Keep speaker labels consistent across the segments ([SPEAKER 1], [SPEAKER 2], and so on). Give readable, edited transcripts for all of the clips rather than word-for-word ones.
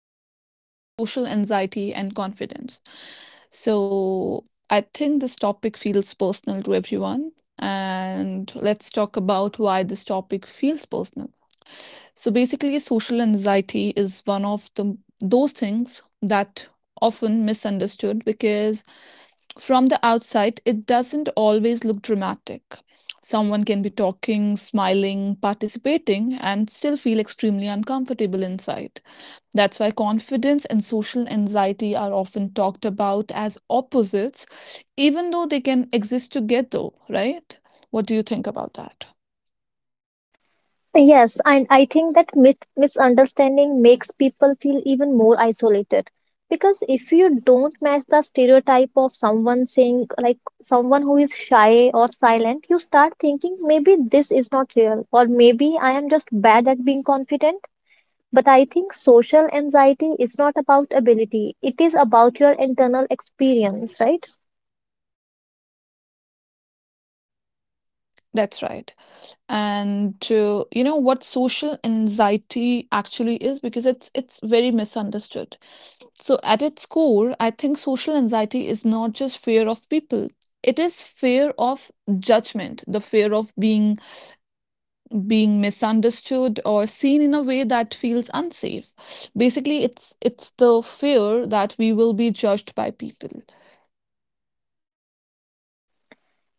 [SPEAKER 1] discuss is social anxiety and confidence. So, I think this topic feels personal to everyone. And let's talk about why this topic feels personal. So basically, social anxiety is one of the those things that often misunderstood because from the outside it doesn't always look dramatic. Someone can be talking, smiling, participating and still feel extremely uncomfortable inside. That's why confidence and social anxiety are often talked about as opposites even though they can exist together, right? What do you think about that?
[SPEAKER 2] Yes, and I think that myth misunderstanding makes people feel even more isolated. Because if you don't match the stereotype of someone saying, like someone who is shy or silent, you start thinking maybe this is not real, or maybe I am just bad at being confident. But I think social anxiety is not about ability, it is about your internal experience, right?
[SPEAKER 1] That's right. And you know what social anxiety actually is because it's very misunderstood. So at its core, I think social anxiety is not just fear of people. It is fear of judgment, the fear of being misunderstood or seen in a way that feels unsafe, basically it's the fear that we will be judged by people.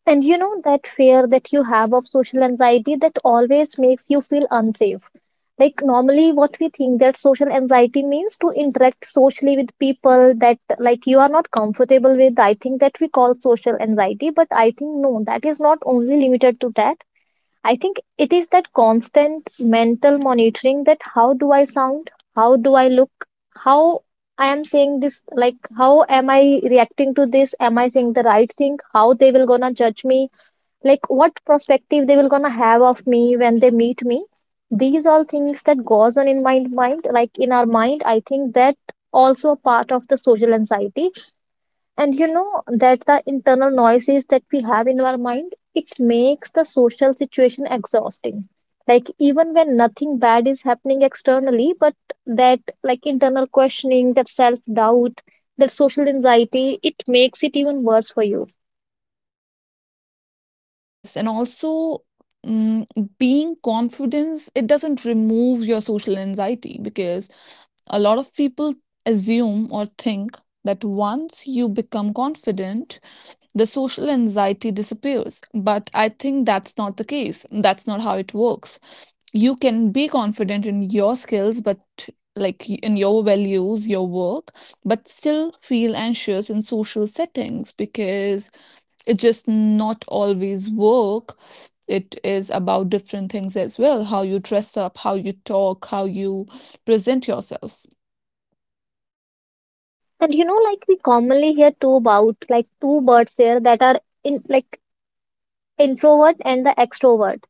[SPEAKER 2] And you know that fear that you have of social anxiety that always makes you feel unsafe. Like normally what we think that social anxiety means to interact socially with people that like you are not comfortable with. I think that we call social anxiety, but I think no, that is not only limited to that. I think it is that constant mental monitoring that how do I sound? How do I look? How I am saying this, like how am I reacting to this? Am I saying the right thing? How they will gonna judge me? Like what perspective they will gonna have of me when they meet me, these all things that goes on in my mind, like in our mind, I think that also a part of the social anxiety. And you know that the internal noises that we have in our mind, it makes the social situation exhausting, like even when nothing bad is happening externally, but that like internal questioning, that self doubt, that social anxiety, it makes it even worse for you.
[SPEAKER 1] Yes, and also, mm, being confident, it doesn't remove your social anxiety because a lot of people assume or think that once you become confident the social anxiety disappears. But I think that's not the case. That's not how it works. You can be confident in your skills, but like in your values, your work, but still feel anxious in social settings because it just not always work. It is about different things as well: how you dress up, how you talk, how you present yourself.
[SPEAKER 2] And you know, like we commonly hear two about like two birds there that are in like introvert and the extrovert.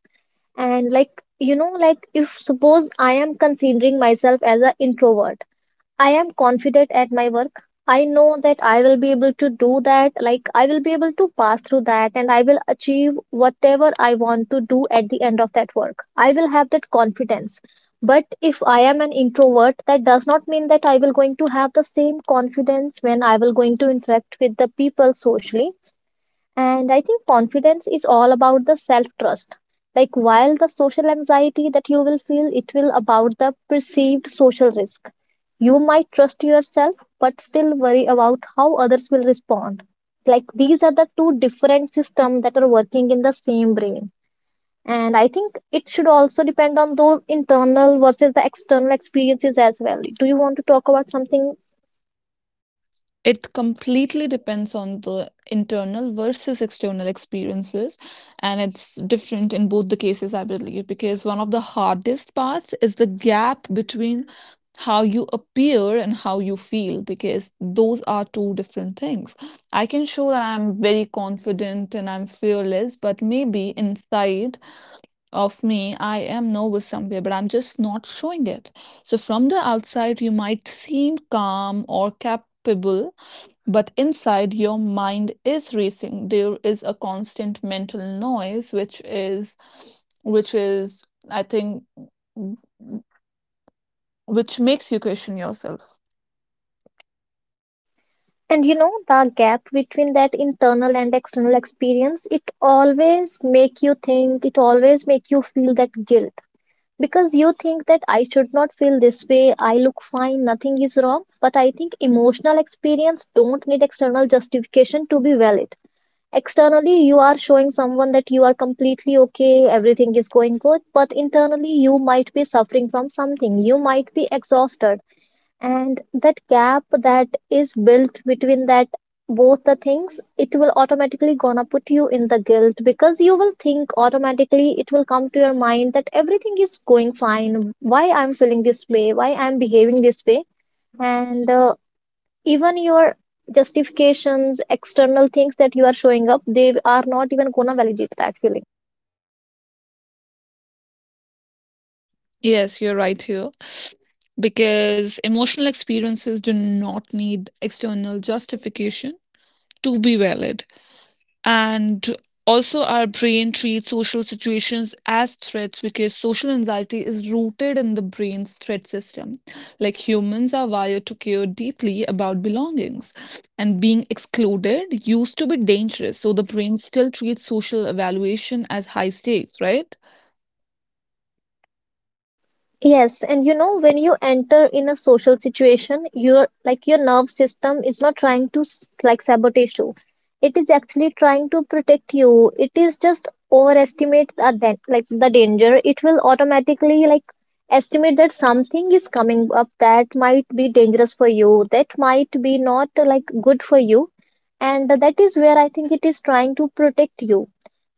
[SPEAKER 2] And like you know, like if suppose I am considering myself as an introvert. I am confident at my work. I know that I will be able to do that. Like, I will be able to pass through that and I will achieve whatever I want to do at the end of that work. I will have that confidence. But if I am an introvert, that does not mean that I will going to have the same confidence when I will going to interact with the people socially. And I think confidence is all about the self trust. Like while the social anxiety that you will feel, it will about the perceived social risk. You might trust yourself, but still worry about how others will respond. Like these are the two different systems that are working in the same brain. And I think it should also depend on those internal versus the external experiences as well. Do you want to talk about something?
[SPEAKER 1] It completely depends on the internal versus external experiences, and it's different in both the cases, I believe, because one of the hardest parts is the gap between how you appear and how you feel, because those are two different things. I can show that I'm very confident and I'm fearless, but maybe inside of me, I am nervous somewhere, but I'm just not showing it. So from the outside, you might seem calm or capable, but inside, your mind is racing. There is a constant mental noise, which is, I think, which makes you question yourself.
[SPEAKER 2] And you know, the gap between that internal and external experience, it always make you think, it always make you feel that guilt, because you think that I should not feel this way, I look fine, nothing is wrong. But I think emotional experience don't need external justification to be valid. Externally you are showing someone that you are completely okay, everything is going good, but internally you might be suffering from something, you might be exhausted. And that gap that is built between that both the things, it will automatically gonna put you in the guilt, because you will think, automatically it will come to your mind that everything is going fine, why I'm feeling this way, why I'm behaving this way. And even your justifications, external things that you are showing up, they are not even gonna validate that feeling.
[SPEAKER 1] Yes, you're right here. Because emotional experiences do not need external justification to be valid. And also, our brain treats social situations as threats because social anxiety is rooted in the brain's threat system. Like humans are wired to care deeply about belongings and being excluded used to be dangerous. So the brain still treats social evaluation as high stakes, right?
[SPEAKER 2] Yes, and you know, when you enter in a social situation, your like your nerve system is not trying to like sabotage you. It is actually trying to protect you. It is just overestimate the like the danger. It will automatically like estimate that something is coming up that might be dangerous for you, that might be not like good for you, and that is where I think it is trying to protect you.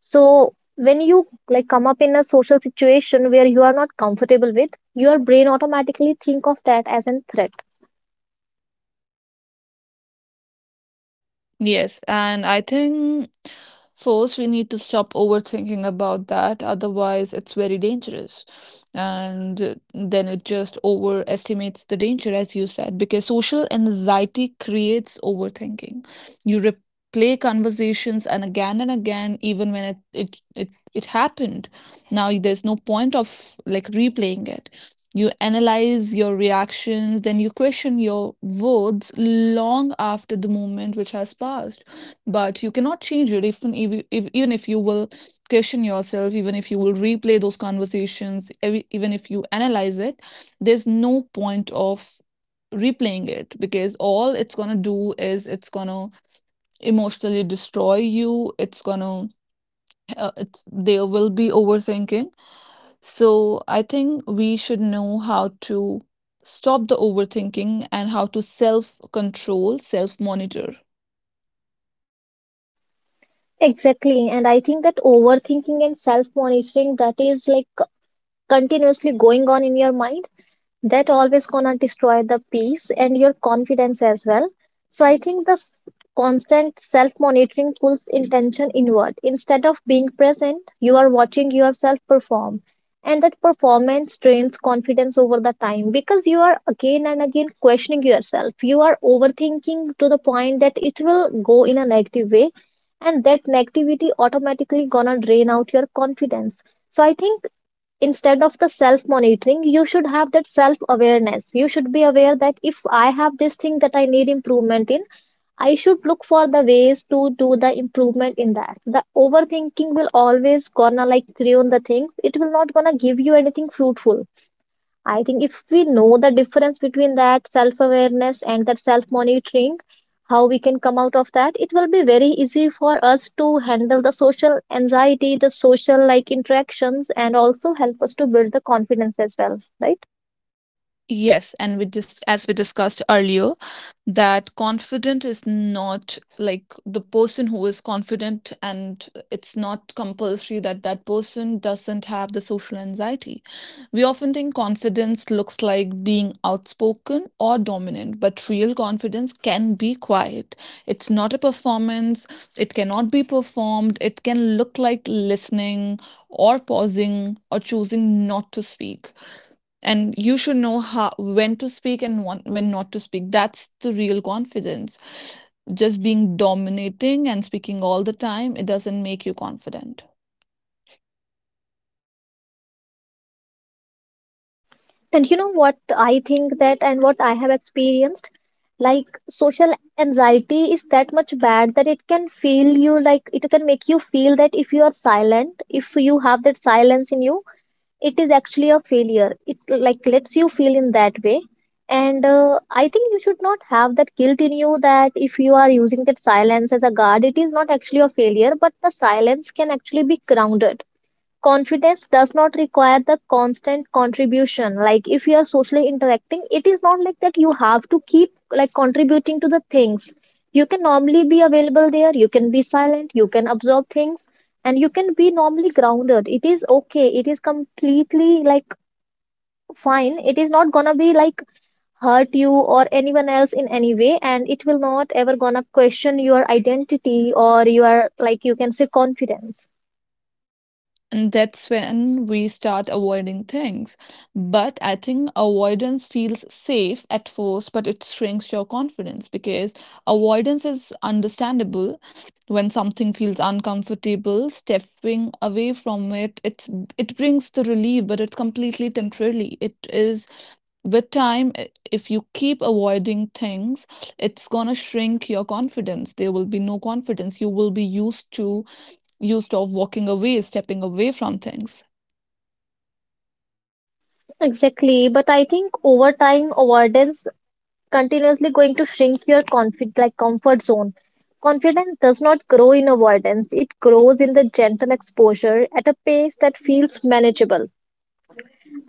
[SPEAKER 2] So when you like come up in a social situation where you are not comfortable with, your brain automatically think of that as a threat.
[SPEAKER 1] Yes, and I think first we need to stop overthinking about that, otherwise, it's very dangerous. And then it just overestimates the danger, as you said, because social anxiety creates overthinking. You replay conversations and again, even when it happened. Now there's no point of like replaying it. You analyze your reactions, then you question your words long after the moment which has passed. But you cannot change it, even if, you- if even if you will question yourself, even if you will replay those conversations, even if you analyze it, there's no point of replaying it because all it's gonna do is it's gonna emotionally destroy you. It's gonna it's there will be overthinking, so I think we should know how to stop the overthinking and how to self control, self monitor.
[SPEAKER 2] Exactly, and I think that overthinking and self monitoring, that is like continuously going on in your mind, that always gonna destroy the peace and your confidence as well. So I think constant self monitoring pulls intention inward. Instead of being present, you are watching yourself perform, and that performance drains confidence over the time, because you are again and again questioning yourself, you are overthinking to the point that it will go in a negative way, and that negativity automatically gonna drain out your confidence. So I think instead of the self monitoring, you should have that self awareness. You should be aware that if I have this thing that I need improvement in, I should look for the ways to do the improvement in that. The overthinking will always gonna like ruin the things, it will not gonna give you anything fruitful. I think if we know the difference between that self awareness and that self monitoring, how we can come out of that, it will be very easy for us to handle the social anxiety, the social like interactions, and also help us to build the confidence as well, right?
[SPEAKER 1] Yes, and we just as we discussed earlier, that confident is not like the person who is confident, and it's not compulsory that that person doesn't have the social anxiety. We often think confidence looks like being outspoken or dominant, but real confidence can be quiet. It's not a performance, it cannot be performed, it can look like listening or pausing or choosing not to speak, and you should know how when to speak and want, when not to speak. That's the real confidence. Just being dominating and speaking all the time, it doesn't make you confident.
[SPEAKER 2] And you know what I think that, and what I have experienced, like social anxiety is that much bad that it can feel you, like it can make you feel that if you are silent, if you have that silence in you, it is actually a failure. It like lets you feel in that way. And I think you should not have that guilt in you, that if you are using that silence as a guard, it is not actually a failure, but the silence can actually be grounded. Confidence does not require the constant contribution. Like if you are socially interacting, it is not like that you have to keep like contributing to the things. You can normally be available there, you can be silent, you can absorb things, and you can be normally grounded. It is okay, it is completely like fine. It is not gonna be like hurt you or anyone else in any way, and it will not ever gonna question your identity or your like you can say confidence.
[SPEAKER 1] And that's when we start avoiding things. But I think avoidance feels safe at first, but it shrinks your confidence because avoidance is understandable. When something feels uncomfortable, stepping away from it, it brings the relief, but it's completely temporary. It is with time, if you keep avoiding things, it's gonna shrink your confidence. There will be no confidence. You will be used to you stop walking away, stepping away from things.
[SPEAKER 2] Exactly, but I think over time, avoidance continuously going to shrink your confid like comfort zone. Confidence does not grow in avoidance; it grows in the gentle exposure at a pace that feels manageable.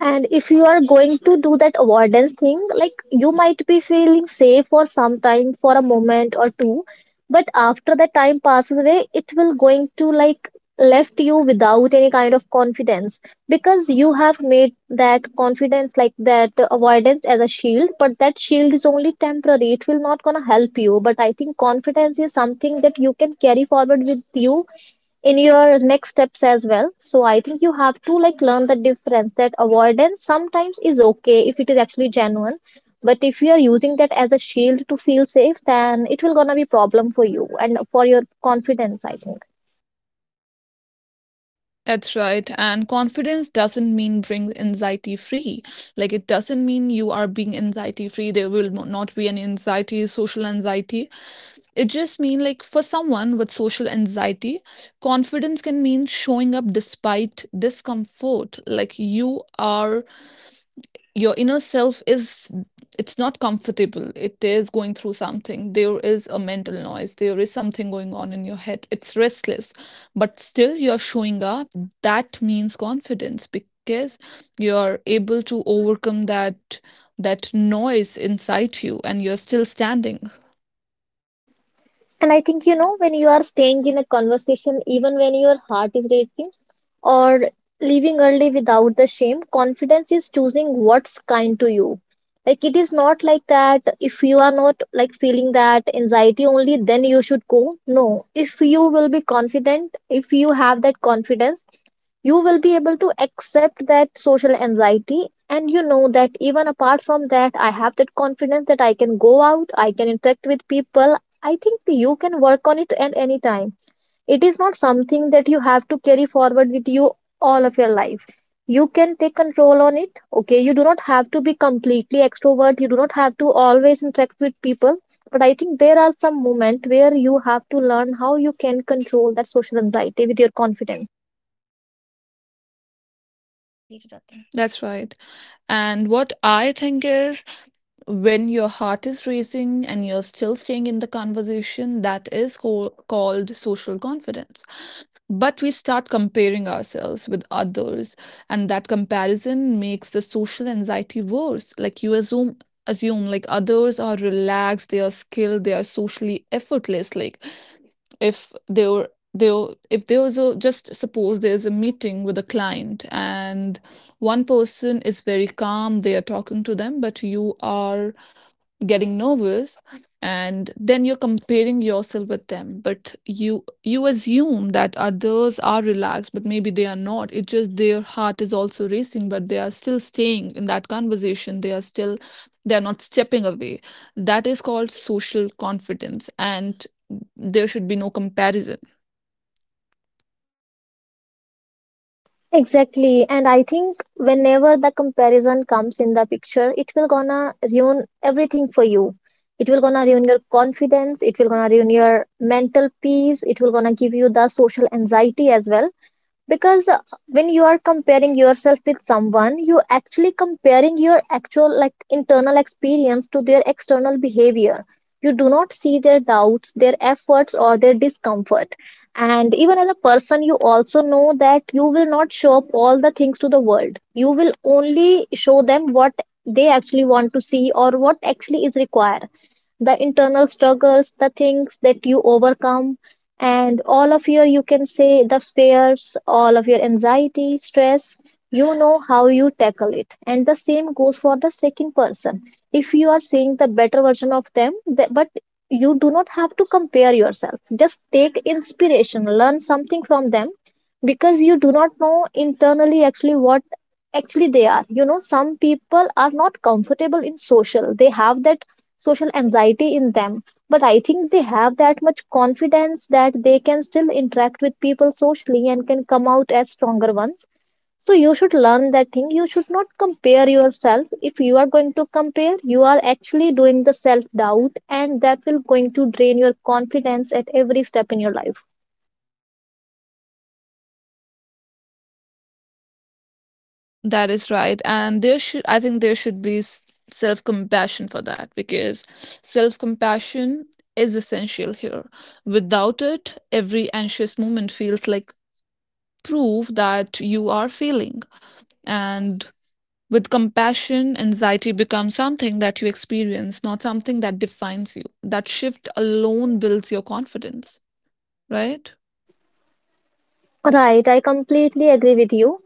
[SPEAKER 2] And if you are going to do that avoidance thing, like you might be feeling safe for some time, for a moment or two, but after the time passes away, it will going to like left you without any kind of confidence, because you have made that confidence like that avoidance as a shield, but that shield is only temporary. It will not gonna help you, but I think confidence is something that you can carry forward with you in your next steps as well. So I think you have to like learn the difference that avoidance sometimes is okay if it is actually genuine, but if you are using that as a shield to feel safe, then it will gonna be problem for you and for your confidence, I think.
[SPEAKER 1] That's right. And confidence doesn't mean bring anxiety free. Like it doesn't mean you are being anxiety free. There will not be any anxiety, social anxiety. It just mean like for someone with social anxiety, confidence can mean showing up despite discomfort. Like you are your inner self is it's not comfortable, it is going through something, there is a mental noise, there is something going on in your head, it's restless, but still you're showing up. That means confidence because you're able to overcome that noise inside you and you're still standing.
[SPEAKER 2] And I think, you know, when you are staying in a conversation, even when your heart is racing, or leaving early without the shame, confidence is choosing what's kind to you. Like, it is not like that if you are not like feeling that anxiety only, then you should go. No, if you will be confident, if you have that confidence, you will be able to accept that social anxiety, and you know that even apart from that, I have that confidence that I can go out, I can interact with people. I think you can work on it at any time. It is not something that you have to carry forward with you all of your life. You can take control on it. Okay, you do not have to be completely extrovert, you do not have to always interact with people, but I think there are some moments where you have to learn how you can control that social anxiety with your confidence.
[SPEAKER 1] That's right. And what I think is, when your heart is racing and you're still staying in the conversation, that is called social confidence. But we start comparing ourselves with others, and that comparison makes the social anxiety worse. Like you assume like others are relaxed, they are skilled, they are socially effortless. Like if there if there was a just suppose there's a meeting with a client and one person is very calm, they are talking to them, but you are getting nervous and then you're comparing yourself with them, but you assume that others are relaxed, but maybe they are not. It's just their heart is also racing, but they are still staying in that conversation, they are still they are not stepping away. That is called social confidence, and there should be no comparison.
[SPEAKER 2] Exactly, and I think whenever the comparison comes in the picture, it will gonna ruin everything for you. It will gonna ruin your confidence. It will gonna ruin your mental peace. It will gonna give you the social anxiety as well because when you are comparing yourself with someone, you actually comparing your actual like internal experience to their external behavior. You do not see their doubts, their efforts, or their discomfort. And even as a person, you also know that you will not show up all the things to the world. You will only show them what they actually want to see or what actually is required. The internal struggles, the things that you overcome, and all of your, you can say, the fears, all of your anxiety, stress, you know how you tackle it. And the same goes for the second person. If you are seeing the better version of them, but you do not have to compare yourself. Just take inspiration, learn something from them, because you do not know internally actually what actually they are. You know, some people are not comfortable in social, they have that social anxiety in them, but I think they have that much confidence that they can still interact with people socially and can come out as stronger ones. So you should learn that thing. You should not compare yourself. If you are going to compare, you are actually doing the self doubt, and that will going to drain your confidence at every step in your life.
[SPEAKER 1] That is right. And there should I think there should be self compassion for that because self compassion is essential here. Without it, every anxious moment feels like proof that you are feeling. And with compassion, anxiety becomes something that you experience, not something that defines you. That shift alone builds your confidence, right?
[SPEAKER 2] Right, I completely agree with you.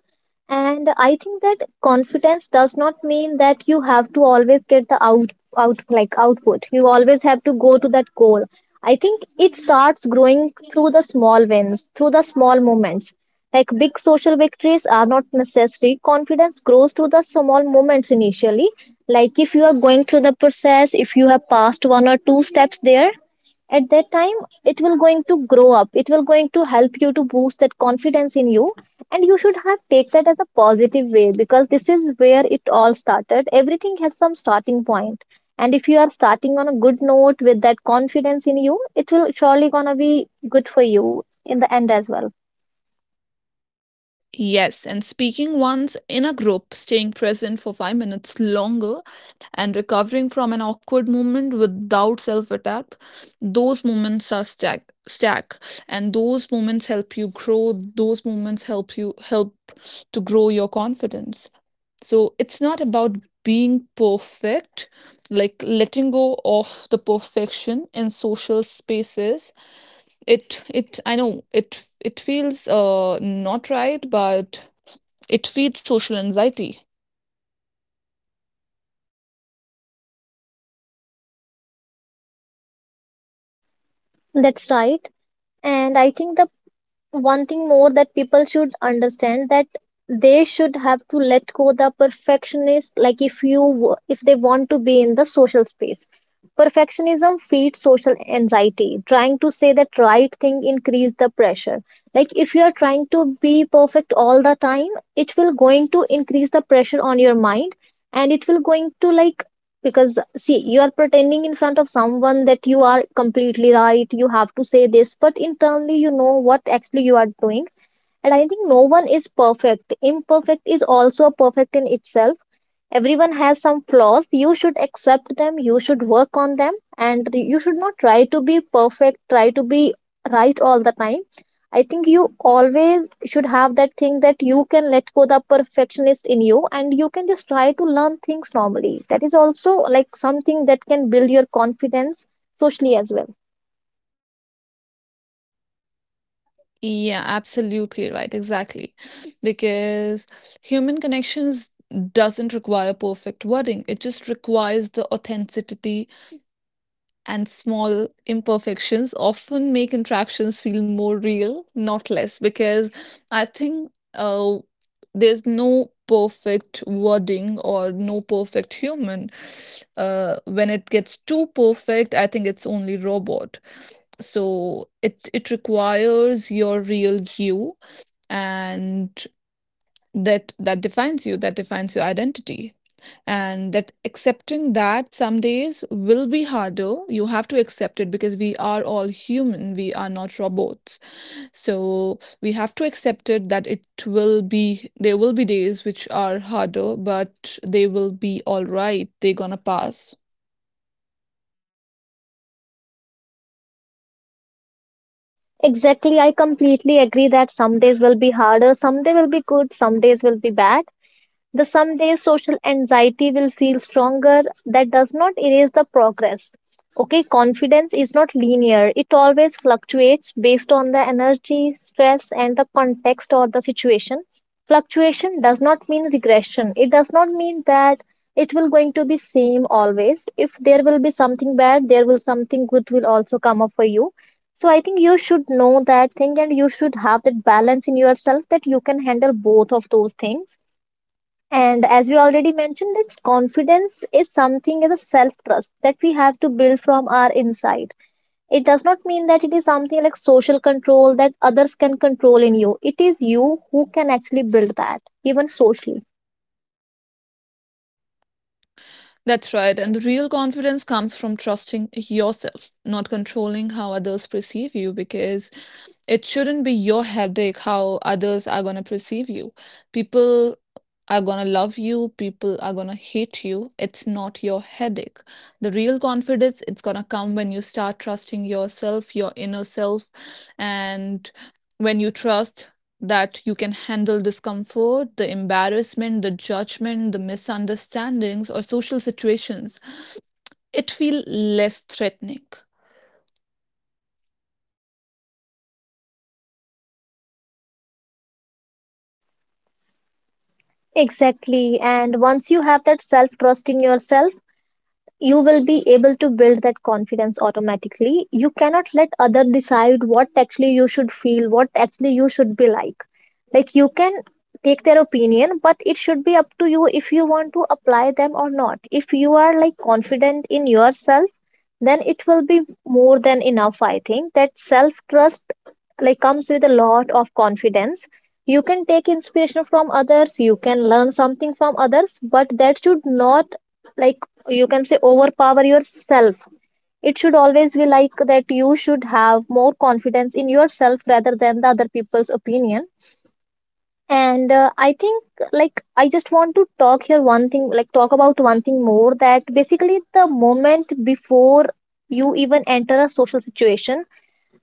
[SPEAKER 2] And I think that confidence does not mean that you have to always get the out like output. You always have to go to that goal. I think it starts growing through the small wins, through the small moments. Like big social victories are not necessary. Confidence grows through the small moments initially. Like if you are going through the process, if you have passed one or two steps there, at that time it will going to grow up, it will going to help you to boost that confidence in you. And you should have take that as a positive way, because this is where it all started. Everything has some starting point, and if you are starting on a good note with that confidence in you, it will surely gonna be good for you in the end as well.
[SPEAKER 1] Yes, and speaking once in a group, staying present for 5 minutes longer, and recovering from an awkward moment without self attack, those moments are stack, and those moments help you grow. Those moments help you help to grow your confidence. So it's not about being perfect, like letting go of the perfection in social spaces. It I know it feels not right, but it feeds social anxiety.
[SPEAKER 2] That's right. And I think the one thing more that people should understand, that they should have to let go the perfectionist. Like if you, if they want to be in the social space, perfectionism feeds social anxiety. Trying to say that right thing increase the pressure. Like if you are trying to be perfect all the time, it will going to increase the pressure on your mind, and it will going to like, because see, you are pretending in front of someone that you are completely right, you have to say this, but internally you know what actually you are doing. And I think no one is perfect. Imperfect is also perfect in itself. Everyone has some flaws. You should accept them. You should work on them. And you should not try to be perfect, try to be right all the time. I think you always should have that thing that you can let go the perfectionist in you and you can just try to learn things normally. That is also like something that can build your confidence socially as well.
[SPEAKER 1] Yeah, absolutely right. Exactly. Because human connections doesn't require perfect wording. It just requires the authenticity, and small imperfections often make interactions feel more real, not less. Because I think, there's no perfect wording or no perfect human. When it gets too perfect, I think it's only robot. So it requires your real you, and that defines you, that defines your identity. And that accepting that some days will be harder, you have to accept it because we are all human, we are not robots. So we have to accept it that it will be there will be days which are harder, but they will be all right, they're gonna pass.
[SPEAKER 2] Exactly, I completely agree that some days will be harder, some day will be good, some days will be bad. The some days social anxiety will feel stronger. That does not erase the progress. Okay, confidence is not linear. It always fluctuates based on the energy, stress, and the context or the situation. Fluctuation does not mean regression. It does not mean that it will going to be same always. If there will be something bad, there will something good will also come up for you. So I think you should know that thing and you should have that balance in yourself that you can handle both of those things. And as we already mentioned, that confidence is something as a self trust that we have to build from our inside. It does not mean that it is something like social control that others can control in you. It is you who can actually build that, even socially.
[SPEAKER 1] That's right. And the real confidence comes from trusting yourself, not controlling how others perceive you, because it shouldn't be your headache how others are going to perceive you. People are going to love you, people are going to hate you. It's not your headache. The real confidence, it's going to come when you start trusting yourself, your inner self, and when you trust that you can handle discomfort, the embarrassment, the judgment, the misunderstandings or social situations, it feel less threatening.
[SPEAKER 2] Exactly. And once you have that self trust in yourself, you will be able to build that confidence automatically. You cannot let other decide what actually you should feel, what actually you should be like. Like you can take their opinion, but it should be up to you if you want to apply them or not. If you are like confident in yourself, then it will be more than enough. I think that self trust like comes with a lot of confidence. You can take inspiration from others, you can learn something from others, but that should not like, you can say, overpower yourself. It should always be like that you should have more confidence in yourself rather than the other people's opinion. And I think, like I just want to talk here one thing, like talk about one thing more, that basically the moment before you even enter a social situation,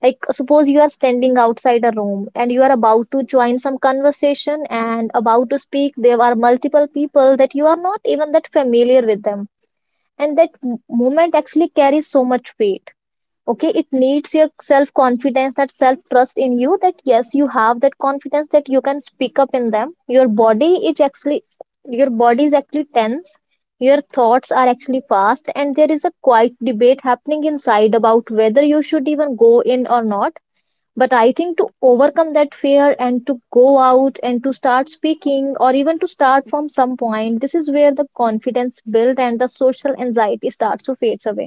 [SPEAKER 2] like suppose you are standing outside a room and you are about to join some conversation and about to speak, there are multiple people that you are not even that familiar with them, and that moment actually carries so much weight. Okay, it needs your self confidence, that self trust in you, that yes, you have that confidence that you can speak up in them. Your body is actually your body is actually tense. Your thoughts are actually fast, and there is a quiet debate happening inside about whether you should even go in or not. But I think to overcome that fear and to go out and to start speaking or even to start from some point, this is where the confidence built and the social anxiety starts to fades away.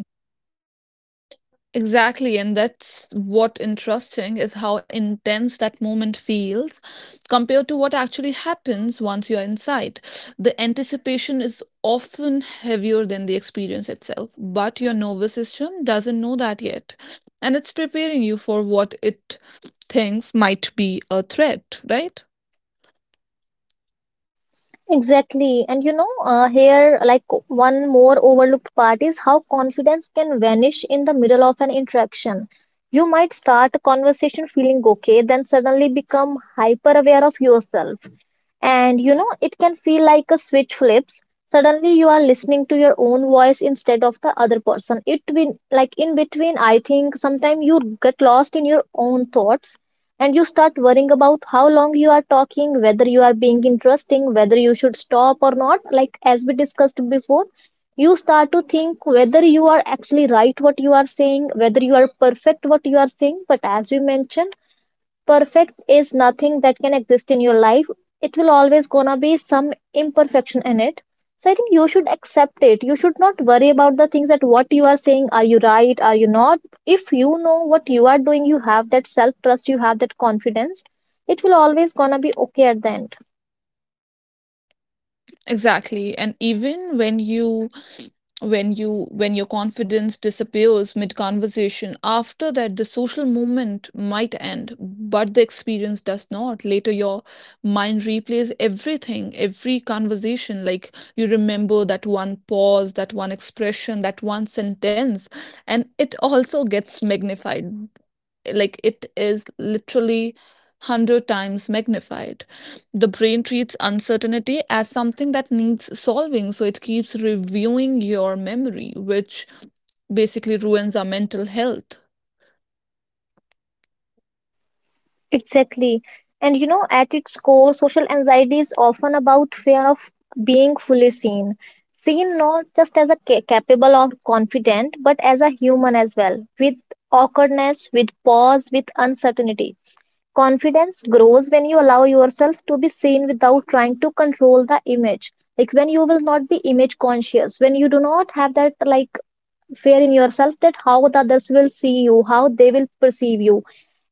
[SPEAKER 1] Exactly, and that's what interesting is how intense that moment feels compared to what actually happens once you're inside. The anticipation is often heavier than the experience itself, but your nervous system doesn't know that yet, and it's preparing you for what it thinks might be a threat, right?
[SPEAKER 2] Exactly. And you know, here, like one more overlooked part is how confidence can vanish in the middle of an interaction. You might start a conversation feeling okay, then suddenly become hyper aware of yourself. And you know, it can feel like a switch flips. Suddenly, you are listening to your own voice instead of the other person. It been like in between, I think sometimes you get lost in your own thoughts and you start worrying about how long you are talking, whether you are being interesting, whether you should stop or not. Like, as we discussed before, you start to think whether you are actually right what you are saying, whether you are perfect what you are saying. But as we mentioned, perfect is nothing that can exist in your life. It will always gonna be some imperfection in it. So I think you should accept it. You should not worry about the things that what you are saying, are you right, are you not. If you know what you are doing, you have that self trust, you have that confidence, it will always gonna be okay at the end.
[SPEAKER 1] Exactly. And even when you when you when your confidence disappears mid conversation, after that the social moment might end, but the experience does not. Later your mind replays everything, every conversation. Like you remember that one pause, that one expression, that one sentence, and it also gets magnified, like it is literally 100 times magnified. The brain treats uncertainty as something that needs solving, so it keeps reviewing your memory, which basically ruins our mental health.
[SPEAKER 2] Exactly. And you know, at its core, social anxiety is often about fear of being fully seen. Seen not just as a capable or confident, but as a human as well, with awkwardness, with pause, with uncertainty. Confidence grows when you allow yourself to be seen without trying to control the image. Like when you will not be image conscious, when you do not have that like fear in yourself that how the others will see you, how they will perceive you.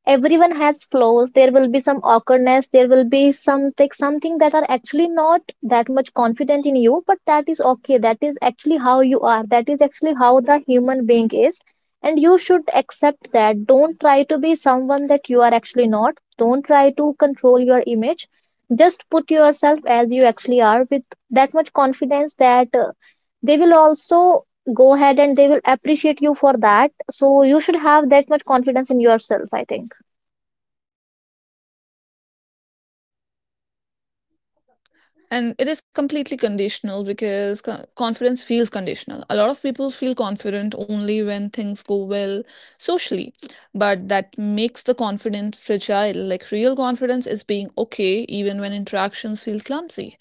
[SPEAKER 2] Everyone has flaws. There will be some awkwardness, there will be something that are actually not that much confident in you, but that is okay. That is actually how you are, that is actually how the human being is. And you should accept that. Don't try to be someone that you are actually not. Don't try to control your image. Just put yourself as you actually are with that much confidence that they will also go ahead and they will appreciate you for that. So you should have that much confidence in yourself, I think.
[SPEAKER 1] And it is completely conditional because confidence feels conditional. A lot of people feel confident only when things go well socially, but that makes the confidence fragile. Like real confidence is being okay even when interactions feel clumsy.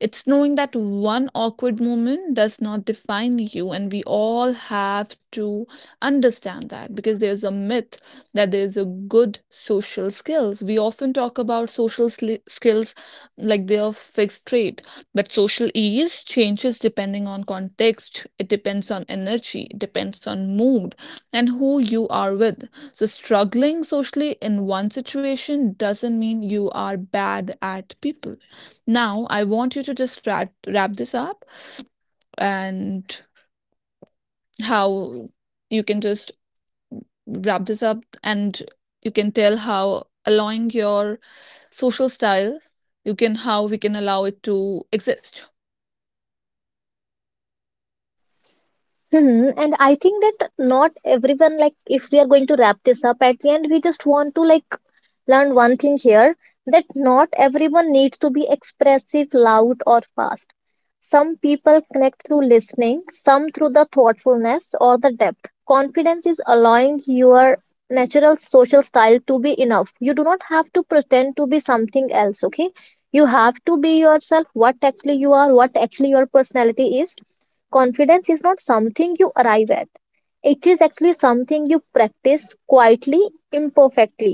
[SPEAKER 1] It's knowing that one awkward moment does not define you, and we all have to understand that because there's a myth that there's a good social skills. We often talk about social skills like their fixed rate. But social ease changes depending on context, it depends on energy, it depends on mood, and who you are with. So, struggling socially in one situation doesn't mean you are bad at people. Now, I want you to just wrap this up, and how you can just wrap this up, and you can tell how allowing your social style you can how we can allow it to exist.
[SPEAKER 2] Hmm, and I think that not everyone like, if we are going to wrap this up at the end, we just want to like learn one thing here, that not everyone needs to be expressive, loud, or fast. Some people connect through listening, some through the thoughtfulness or the depth. Confidence is allowing your natural social style to be enough. You do not have to pretend to be something else, okay? You have to be yourself, what actually you are, what actually your personality is. Confidence is not something you arrive at. It is actually something you practice quietly, imperfectly.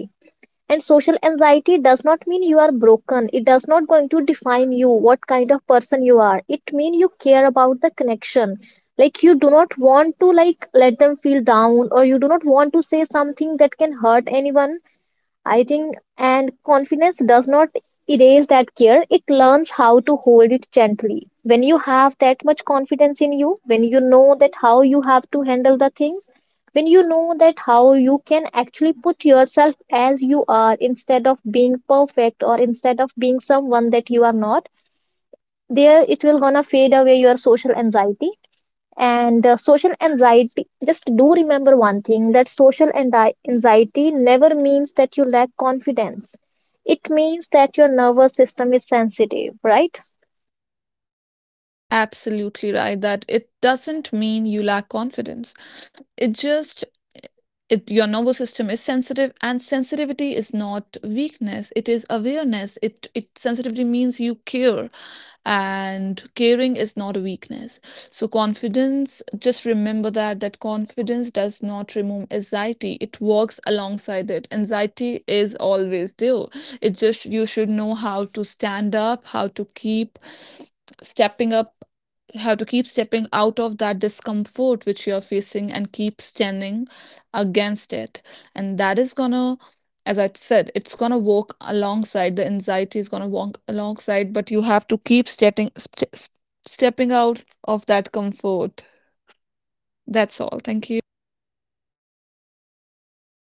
[SPEAKER 2] And social anxiety does not mean you are broken. It does not going to define you what kind of person you are. It mean you care about the connection. Like you do not want to like let them feel down or you do not want to say something that can hurt anyone. I think, and confidence does not erase that care. It learns how to hold it gently. When you have that much confidence in you, when you know that how you have to handle the things, when you know that how you can actually put yourself as you are instead of being perfect or instead of being someone that you are not, there it will gonna fade away your social anxiety. And social anxiety, just do remember one thing, that social anxiety never means that you lack confidence. It means that your nervous system is sensitive, right?
[SPEAKER 1] Absolutely right that it doesn't mean you lack confidence. It just your nervous system is sensitive, and sensitivity is not weakness, it is awareness, it sensitivity means you care, and caring is not a weakness. So confidence, just remember that that confidence does not remove anxiety, it works alongside it. Anxiety is always there, it just you should know how to stand up, how to keep stepping up, have to keep stepping out of that discomfort which you're facing and keep standing against it. And that is gonna, as I said, it's gonna walk alongside, the anxiety is gonna walk alongside, but you have to keep stepping out of that comfort. That's all. Thank you.